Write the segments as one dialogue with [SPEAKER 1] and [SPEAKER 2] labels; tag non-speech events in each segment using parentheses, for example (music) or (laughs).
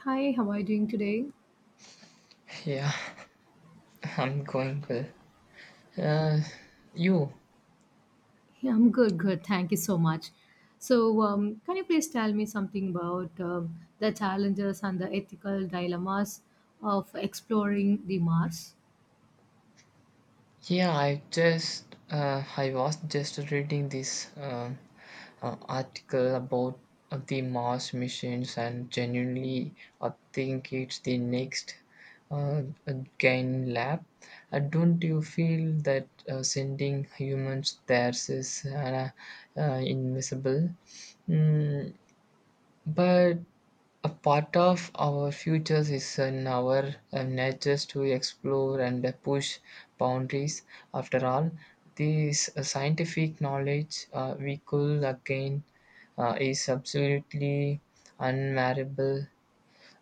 [SPEAKER 1] Hi, how are you doing today?
[SPEAKER 2] Yeah, (laughs) I'm going well. Uh, you?
[SPEAKER 1] Yeah, I'm good. Thank you so much. Can you please tell me something about the challenges and the ethical dilemmas of exploring the Mars?
[SPEAKER 2] Yeah, I was just reading this article about the Mars missions, and genuinely, I think it's the next uh, gain lab. Don't you feel that sending humans there is invisible? Mm, But a part of our futures is in our natures to explore and push boundaries. After all, this scientific knowledge we could again is absolutely unmarriable,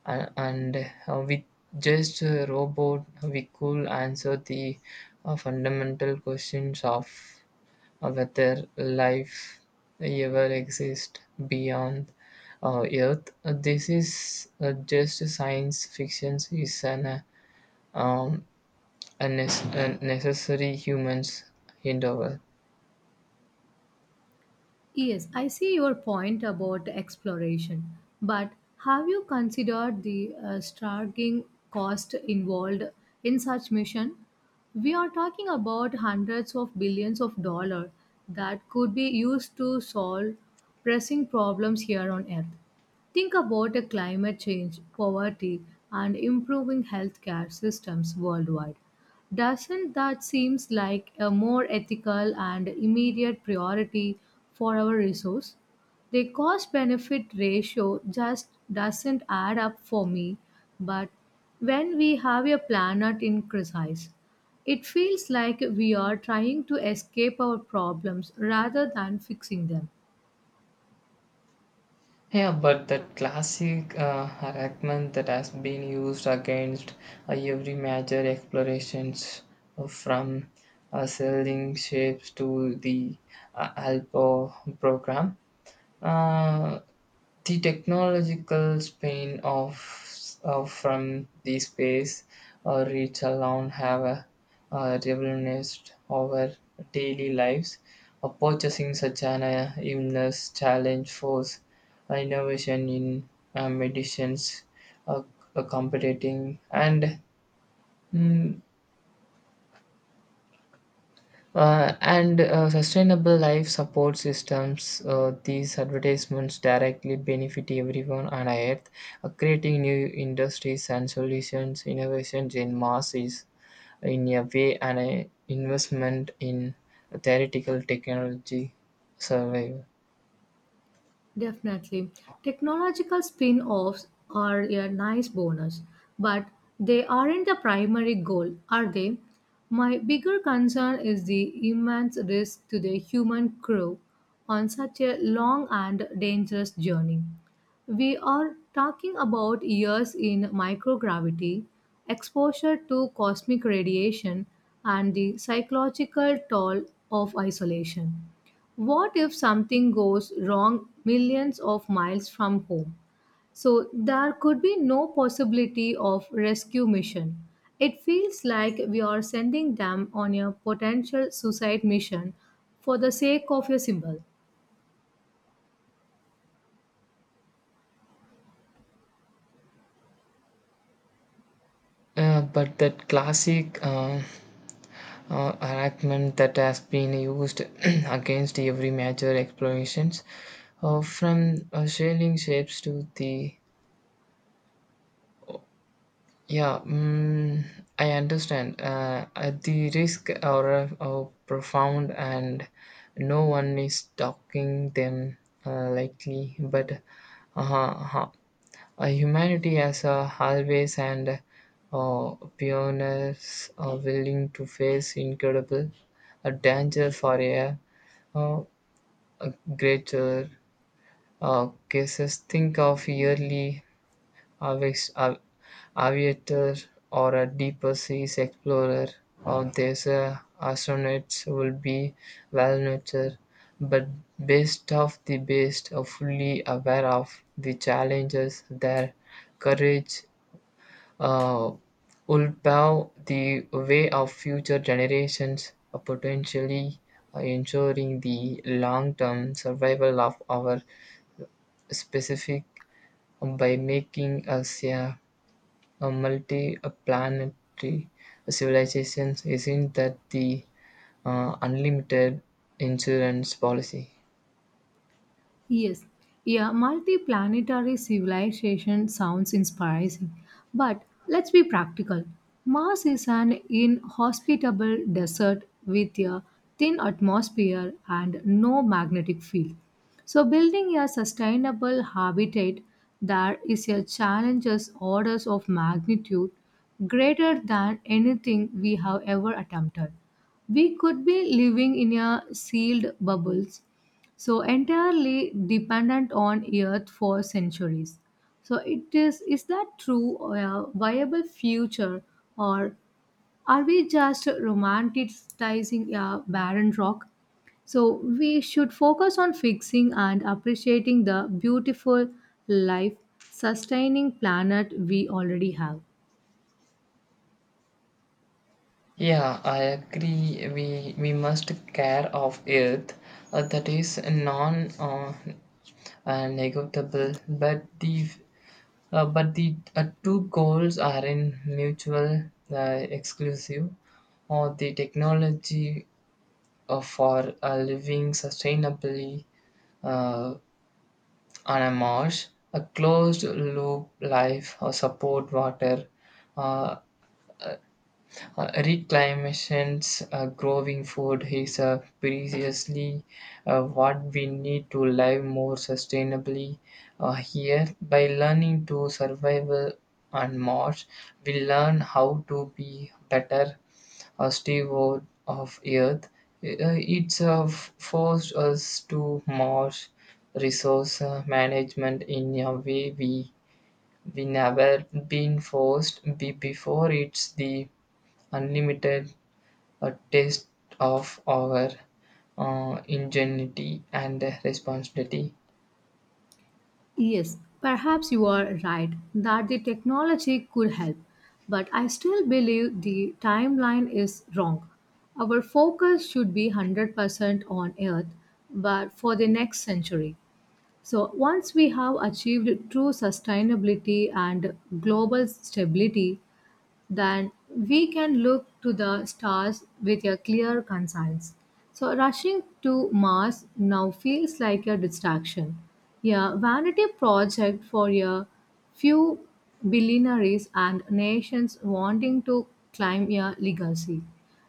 [SPEAKER 2] and with just a robot, we could answer the fundamental questions of whether life ever exists beyond Earth. This is just science fiction. Is an um, a necessary human's endeavor.
[SPEAKER 1] Yes, I see your point about exploration, but have you considered the staggering cost involved in such mission? We are talking about hundreds of billions of dollars that could be used to solve pressing problems here on Earth. Think about a climate change, poverty, and improving healthcare systems worldwide. Doesn't that seems like a more ethical and immediate priority for our resource? The cost benefit ratio just doesn't add up for me, but when we have a planet in crisis, it feels like we are trying to escape our problems rather than fixing them.
[SPEAKER 2] Yeah, but that classic argument that has been used against every major explorations from sailing ships to the Alpo program. Uh, the technological span of from the space reach alone have revolutionized our daily lives. Purchasing such an illness challenge force innovation in medicines, uh, competing and mm, sustainable life support systems. These advertisements directly benefit everyone on Earth, creating new industries and solutions, innovations in mass is in a way an investment in theoretical technology survival.
[SPEAKER 1] Definitely. Technological spin offs are a nice bonus, but they aren't the primary goal, are they? My bigger concern is the immense risk to the human crew on such a long and dangerous journey. We are talking about years in microgravity, exposure to cosmic radiation, and the psychological toll of isolation. What if something goes wrong millions of miles from home? So there could be no possibility of rescue mission. It feels like we are sending them on a potential suicide mission for the sake of a symbol.
[SPEAKER 2] But that classic argument that has been used (clears throat) against every major explorations, from sailing ships to the. Yeah, I understand. The risk are profound, and no one is talking them likely. But uh, uh, humanity as a always and pioneers are willing to face incredible danger for uh, a greater cases. Think of yearly Avex, aviator or a deeper seas explorer or these astronauts will be well nurtured, but best of the best are fully aware of the challenges. Their courage uh, will pave the way of future generations, potentially ensuring the long-term survival of our specific by making us a multi-planetary civilization. Isn't that the unlimited insurance policy?
[SPEAKER 1] Yes, yeah, multiplanetary civilization sounds inspiring, but let's be practical. Mars is an inhospitable desert with a thin atmosphere and no magnetic field. So, building a sustainable habitat there is a challenge as orders of magnitude greater than anything we have ever attempted. We could be living in a sealed bubbles so entirely dependent on earth for centuries. So it is that true or a viable future, or are we just romanticizing a barren rock? So we should focus on fixing and appreciating the beautiful life sustaining planet we already have.
[SPEAKER 2] Yeah, I agree. We must care of Earth. That is non negotiable. But the two goals are in mutual exclusive. Or the technology for living sustainably uh, on a marsh, a closed loop life or support water. Uh, Reclamation's growing food is precisely what we need to live more sustainably here. By learning to survive on Mars, we learn how to be better steward of Earth. It's forced us to Mars resource management in a way we never been forced be before. It's the unlimited, a taste of our ingenuity and responsibility.
[SPEAKER 1] Yes, perhaps you are right that the technology could help, but I still believe the timeline is wrong. Our focus should be 100% on Earth, but for the next century. So, once we have achieved true sustainability and global stability, then we can look to the stars with a clear conscience. So, rushing to Mars now feels like a distraction, a vanity project for a few billionaires and nations wanting to climb a legacy.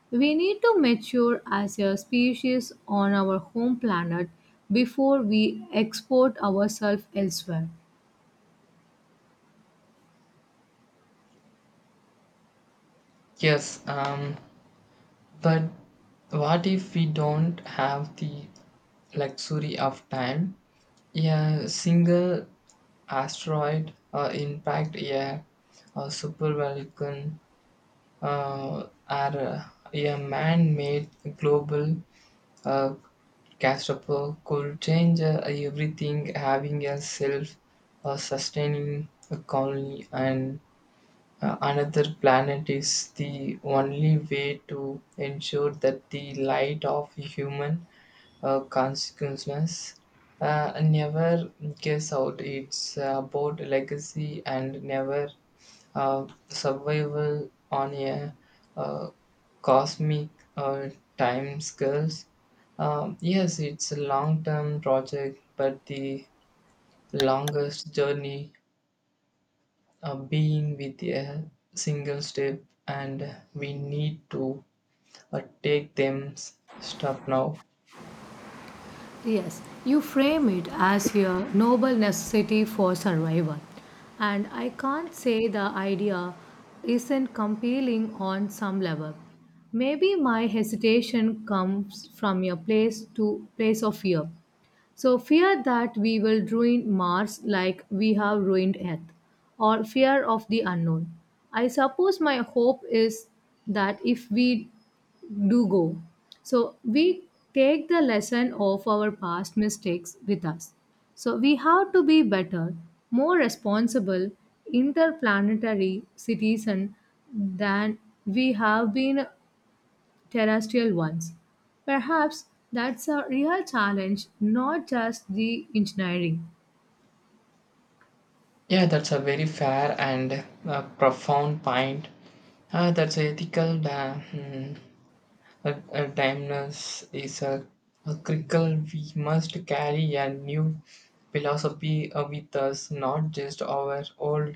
[SPEAKER 1] We need to mature as a species on our home planet before we export ourselves elsewhere.
[SPEAKER 2] Yes, but what if we don't have the luxury of time? A single asteroid impact, a supervolcan, or a man-made global Uh, Castropol could change everything, having a self sustaining colony and another planet is the only way to ensure that the light of human consciousness never gives out. It's about legacy and never survival on a uh, cosmic uh, time scales. Yes, it's a long term project, but the longest journey being with a single step, and we need to take them step now.
[SPEAKER 1] Yes, you frame it as a noble necessity for survival. And I can't say the idea isn't compelling on some level. Maybe my hesitation comes from a place of fear. So, fear that we will ruin Mars like we have ruined Earth, or fear of the unknown. I suppose my hope is that if we do go, so we take the lesson of our past mistakes with us. So, we have to be better, more responsible interplanetary citizen than we have been terrestrial ones. Perhaps that's a real challenge, not just the engineering.
[SPEAKER 2] Yeah, that's a very fair and profound point. That's ethical a timeless is a critical. We must carry a new philosophy with us, not just our old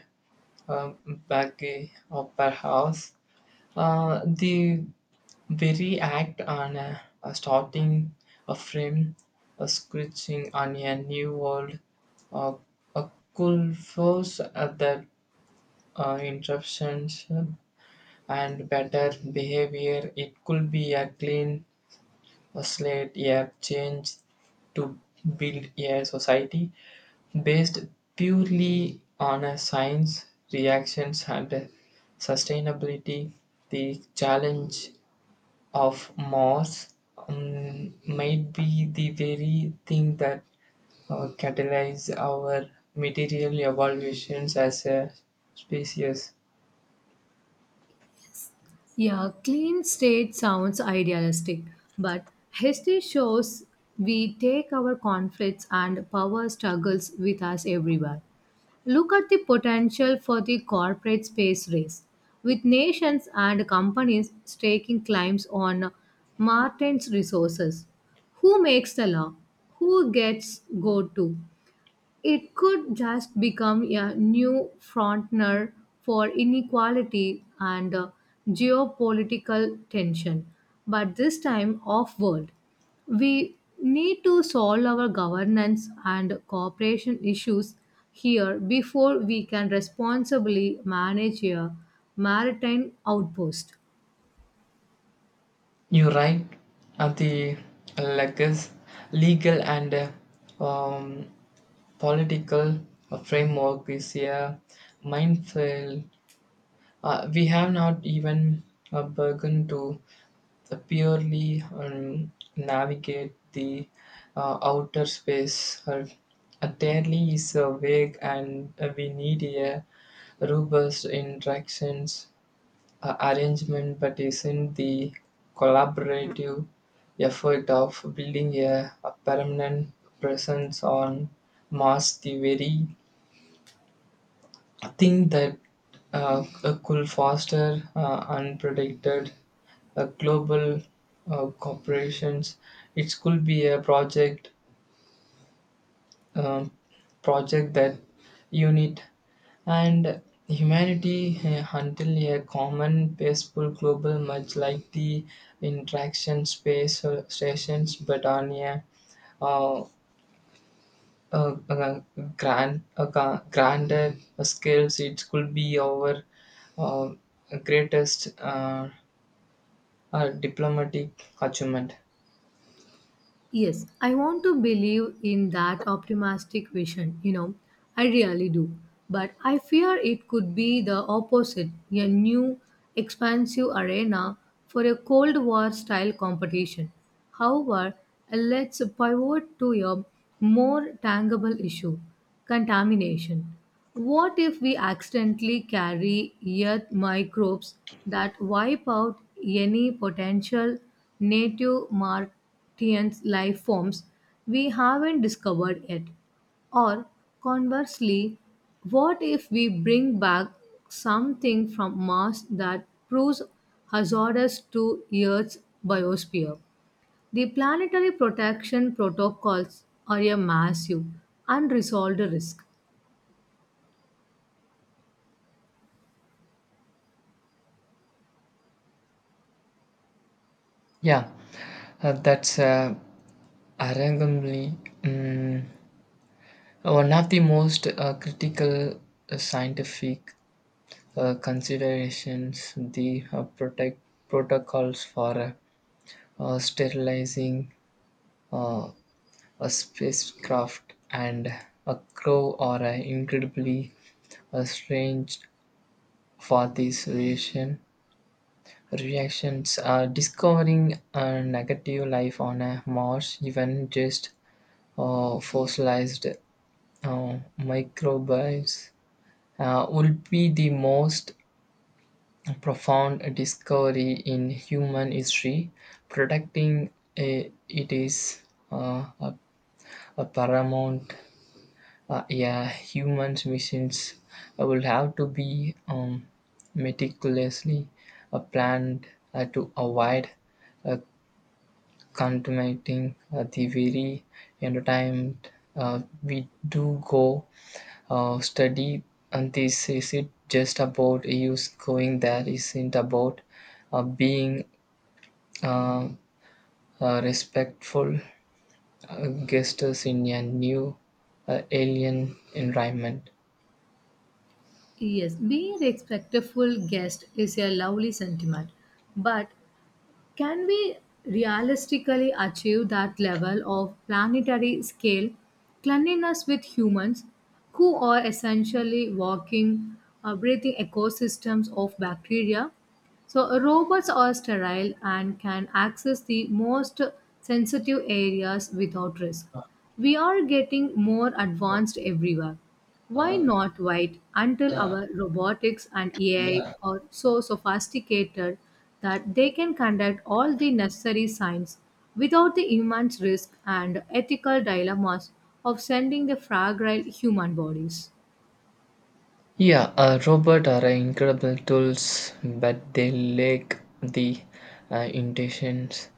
[SPEAKER 2] uh, baggage or perhaps the very act on a starting a frame, a scratching on a new world, uh, a cool force at the interruptions and better behavior. It could be a clean was laid a change to build a society based purely on a science reactions and sustainability. The challenge of mars might be the very thing that catalyze our material evolutions as a species.
[SPEAKER 1] Yeah, clean state sounds idealistic, but history shows we take our conflicts and power struggles with us everywhere. Look at the potential for the corporate space race, with nations and companies staking claims on Martin's resources. Who makes the law? Who gets go to? It could just become a new frontier for inequality and geopolitical tension, but this time off world. We need to solve our governance and cooperation issues here before we can responsibly manage a maritime outpost.
[SPEAKER 2] You are right. At the legas legal and um, political framework is a minefield. We have not even begun to purely navigate the outer space. Entirely is vague, and we need a robust interactions arrangement, but isn't the collaborative effort of building a permanent presence on Mars the very. I think that could foster unpredicted global corporations. It could be a um, project that unit and humanity until a common peaceful global much like the interaction space stations but on a uh, uh, uh, granted skills, it could be our uh, greatest diplomatic achievement.
[SPEAKER 1] Yes, I want to believe in that optimistic vision, you know, I really do. But I fear it could be the opposite a new, expansive arena for a Cold War style competition. However, let's pivot to a more tangible issue contamination. What if we accidentally carry earth microbes that wipe out any potential native market, sentient life forms we haven't discovered yet? Or conversely, what if we bring back something from Mars that proves hazardous to Earth's biosphere? The planetary protection protocols are a massive, unresolved risk.
[SPEAKER 2] Yeah, that's arguably um, one of the most critical scientific considerations. The protect protocols for sterilizing uh, a spacecraft and a crow are incredibly strange for these reactions. Discovering a negative life on a Mars, even just fossilized microbes, would be the most profound discovery in human history. Protecting it is uh, a, a paramount. Yeah, humans missions will have to be meticulously planned to avoid uh, contaminating the very entertainment we do go study. And this is it just about use going there isn't about being uh, respectful guests in a new alien environment.
[SPEAKER 1] Yes, being a respectful guest is a lovely sentiment, but can we realistically achieve that level of planetary scale cleanliness with humans who are essentially walking, breathing ecosystems of bacteria? So, robots are sterile and can access the most sensitive areas without risk. We are getting more advanced everywhere. Why not wait until our robotics and AI are so sophisticated that they can conduct all the necessary science without the immense risk and ethical dilemmas of sending the fragile human bodies?
[SPEAKER 2] Yeah, robots are incredible tools, but they lack the intentions,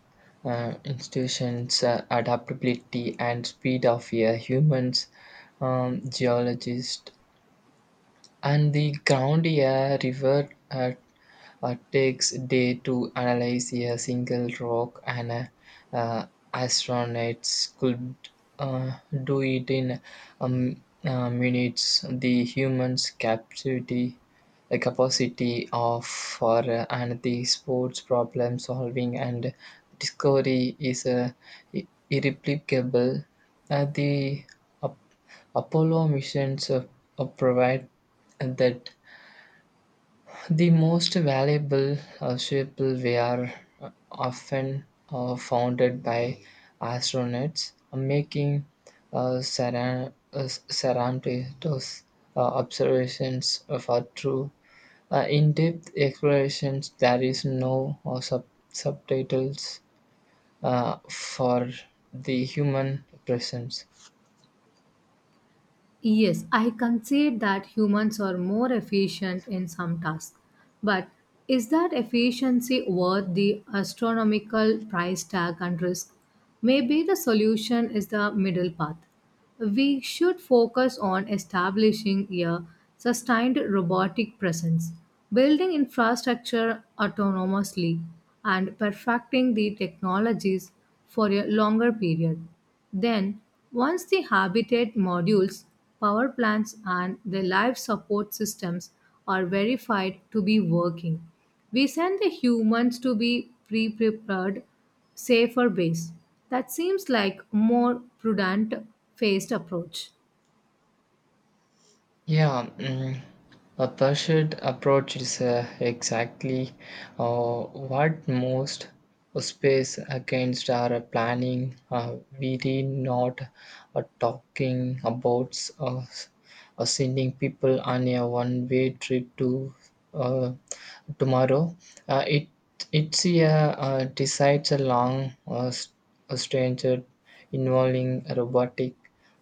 [SPEAKER 2] institutions, adaptability, and speed of a humans. Geologist and the ground a river takes day to analyze a single rock and uh, astronauts could uh, do it in minutes. The humans capacity the capacity of for and the sports problem solving and discovery is irreplicable. The Apollo missions provide that the most valuable people were often founded by astronauts, making uh, Saran- uh, Sarantos observations for true in-depth explorations. There is no subtitles for the human presence.
[SPEAKER 1] Yes, I concede that humans are more efficient in some tasks, but is that efficiency worth the astronomical price tag and risk? Maybe the solution is the middle path. We should focus on establishing a sustained robotic presence, building infrastructure autonomously, and perfecting the technologies for a longer period. Then, once the habitat modules, power plants, and the life support systems are verified to be working, we send the humans to be prepared safer base. That seems like more prudent phased approach.
[SPEAKER 2] Yeah, a pursued approach is exactly what most space against our planning. We did not talking about sending people on a one-way trip to uh, tomorrow. Uh, it it's a decides a long a stranger involving robotic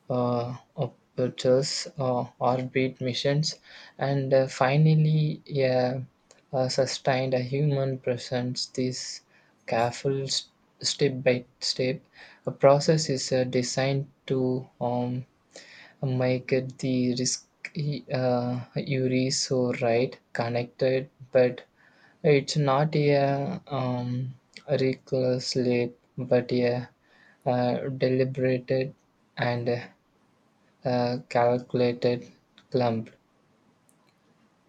[SPEAKER 2] operators, orbit missions, and finally a sustained human presence. This careful step by step a process is designed to make it the risk URI so right connected, but it's not a reckless leap, but a deliberated and calculated clump.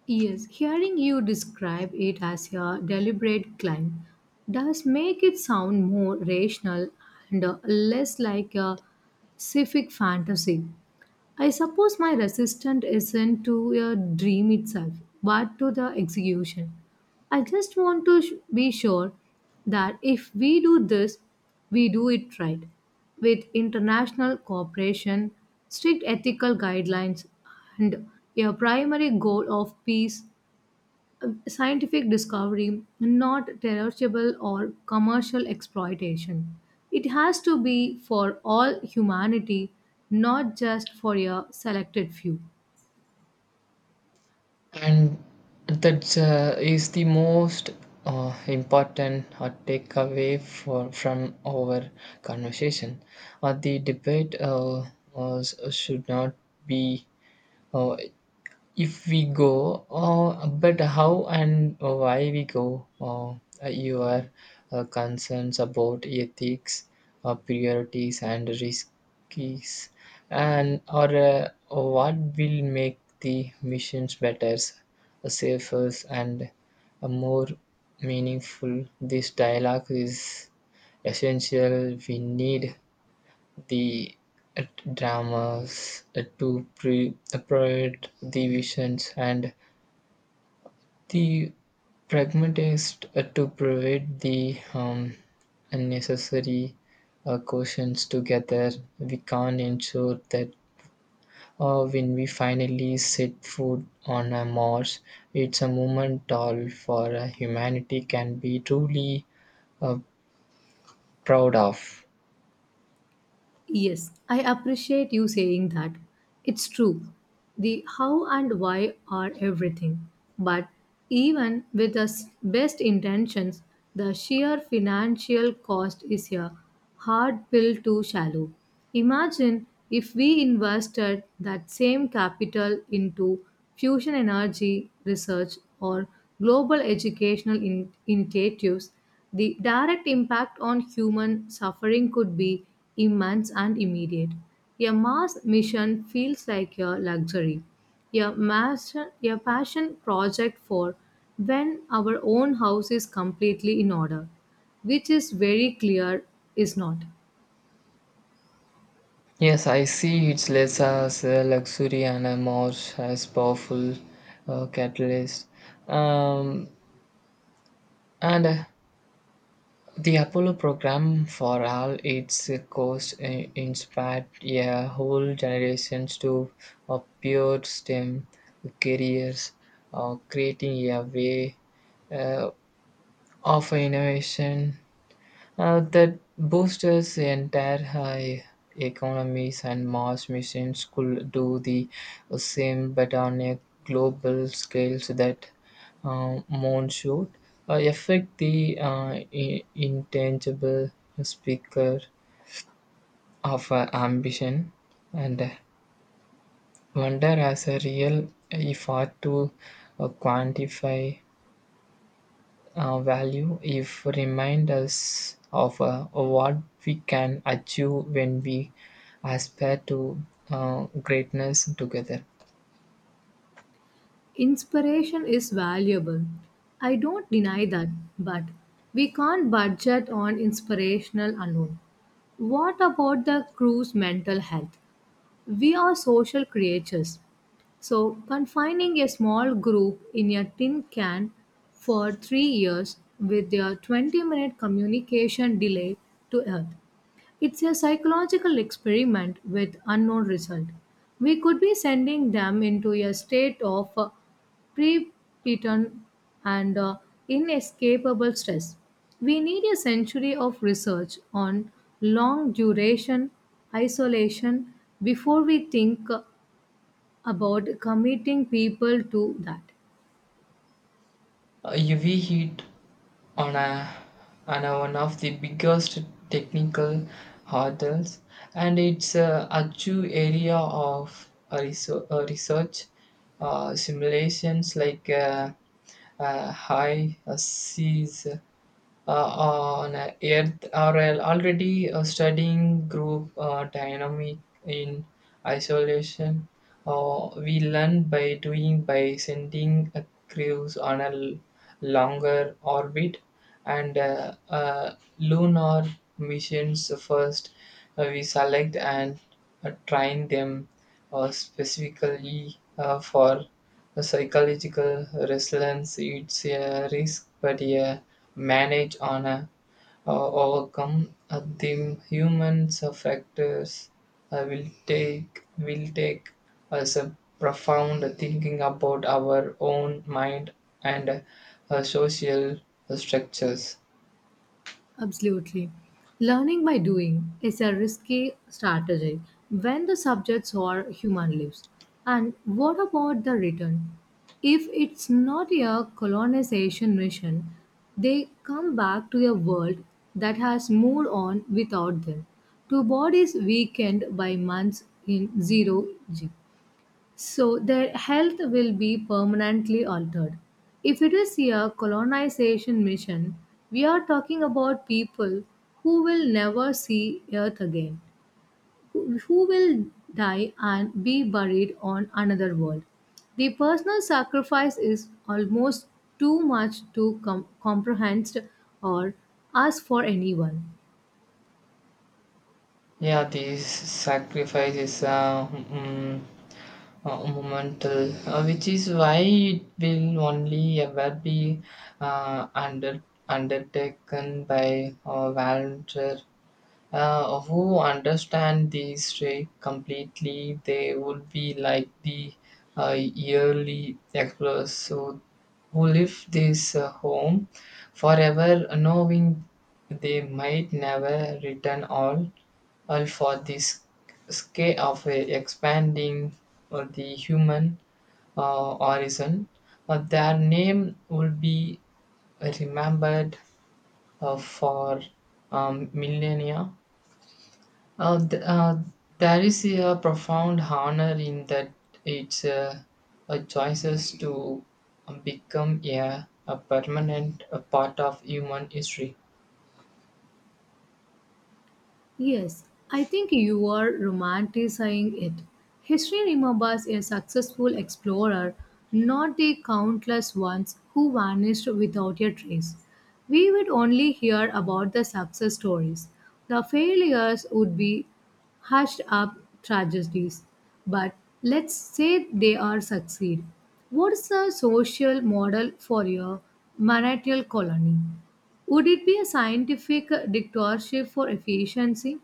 [SPEAKER 1] Yes, hearing you describe it as a deliberate climb does make it sound more rational and less like a civic fantasy. I suppose my resistance isn't to a dream itself, but to the execution. I just want to be sure that if we do this, we do it right, with international cooperation, strict ethical guidelines, and a primary goal of peace scientific discovery, not terrestrial or commercial exploitation. It has to be for all humanity, not just for a selected few.
[SPEAKER 2] And that is the most important takeaway for from our conversation. The debate, was, should not be, uh, if we go, but how and why we go. Your concerns about ethics, priorities and risks, and or what will make the missions better, safer and more meaningful. This dialogue is essential. We need the uh, dramas provide the visions and the pragmatist to provide the unnecessary questions. Together we can't ensure that when we finally set foot on a mars, it's a moment all for humanity can be truly uh, proud of.
[SPEAKER 1] Yes, I appreciate you saying that. It's true. The how and why are everything. But even with the best intentions, the sheer financial cost is a hard pill to swallow. Imagine if we invested that same capital into fusion energy research or global educational initiatives. The direct impact on human suffering could be immense and immediate. A Mars mission feels like a luxury, a passion project for when our own house is completely in order, which is very clear is not.
[SPEAKER 2] Yes, I see. It's less as a luxury and a more as powerful catalyst. Um, and the Apollo program, for all its cost, inspired a whole generations to pure STEM careers, creating a way uh, of innovation that boosters the entire high economies, and Mars missions could do the same but on a global scale. So that moon should affect the intangible speaker of ambition and wonder as a real effort to quantify value if remind us of what we can achieve when we aspire to greatness together.
[SPEAKER 1] Inspiration is valuable. I don't deny that, but we can't budget on inspirational alone. What about the crew's mental health? We are social creatures, so confining a small group in a tin can for 3 years with their 20-minute communication delay to Earth. It's a psychological experiment with unknown result. We could be sending them into a state of prepotent and inescapable stress. We need a century of research on long duration isolation before we think about committing people to that.
[SPEAKER 2] UV heat on a on a one of the biggest technical hurdles, and it's a achieve area of research. Simulations like high seas on Earth are already studying group dynamic in isolation. We learn by doing by sending a crews on a longer orbit and lunar missions first. We select and train them specifically for the psychological resilience. It's a risk but a manage on a overcome the human factors will take us a profound thinking about our own mind and social structures.
[SPEAKER 1] Absolutely. Learning by doing is a risky strategy when the subjects are human lives. And what about the return? If it's not a colonization mission, they come back to a world that has moved on without them. Two bodies weakened by months in zero G. So their health will be permanently altered. If it is a colonization mission, we are talking about people who will never see Earth again, who will die and be buried on another world. The personal sacrifice is almost too much to comprehend or ask for anyone.
[SPEAKER 2] Yeah, these sacrifices momental, which is why it will only ever be uh, under, undertaken by volunteer who understand these traits completely. They would be like the yearly explorers who leave this home forever, knowing they might never return all for this scale of expanding the human horizon. Their name will be remembered for millennia. uh, th- uh, there is a profound honor in that. It's a choices to become a permanent a part of human history.
[SPEAKER 1] Yes, I think you are romanticizing it. History remembers a successful explorer, not the countless ones who vanished without a trace. We would only hear about the success stories. The failures would be hushed up tragedies. But let's say they are succeed. What's the social model for your marital colony? Would it be a scientific dictatorship for efficiency,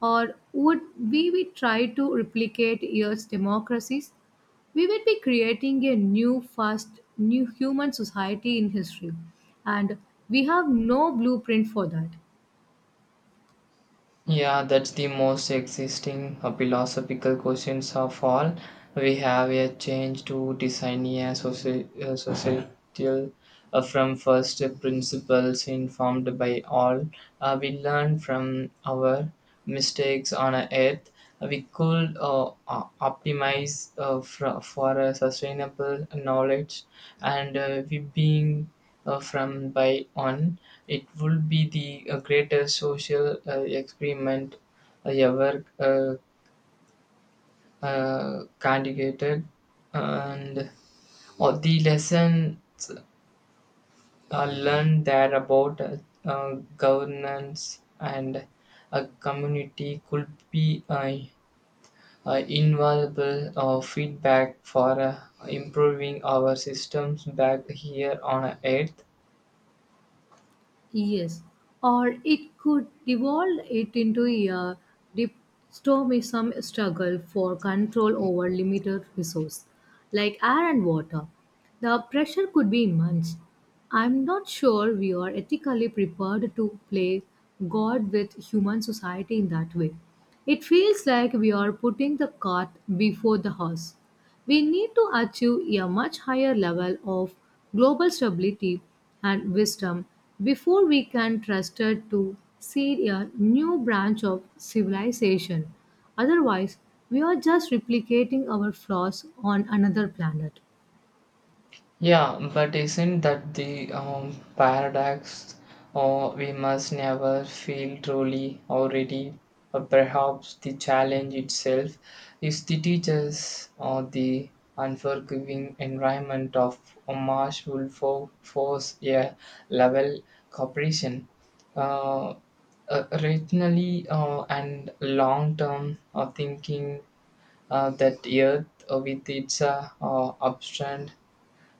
[SPEAKER 1] or would we be try to replicate years democracies? We would be creating a new, fast, new human society in history, and we have no blueprint for that.
[SPEAKER 2] Yeah, that's the most existing philosophical questions of all. We have a change to design a societal from first principles informed by all. We learn from our mistakes on Earth. We could optimize for a sustainable knowledge and we being from by on. It would be the greatest social experiment I ever conducted, and all the lesson learned there about governance and a community could be invaluable feedback for improving our systems back here on Earth.
[SPEAKER 1] Yes, or it could devolve it into a dystopian struggle for control over limited resources, like air and water. The pressure could be immense. I'm not sure we are ethically prepared to play God with human society in that way. It feels like we are putting the cart before the horse. We need to achieve a much higher level of global stability and wisdom before we can trust it to seed a new branch of civilization. Otherwise, we are just replicating our flaws on another planet.
[SPEAKER 2] Yeah, but isn't that the paradox? Or we must never feel truly or ready. Or perhaps the challenge itself is the teachers or the unforgiving environment of a marsh will force a level cooperation. Uh, Rationally and long-term thinking that Earth with its upstrand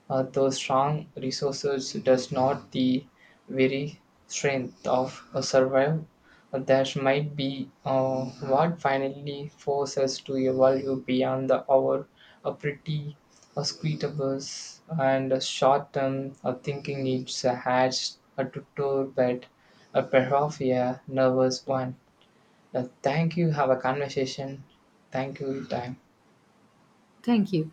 [SPEAKER 2] those strong resources does not the very strength of a survival. That might be uh, what finally forces us to evolve beyond the our a pretty a squeetables and a short term of thinking. It's a hatch a tutor but a perhaps a nervous one. Thank you. Have a conversation. Thank you. Time.
[SPEAKER 1] Thank you.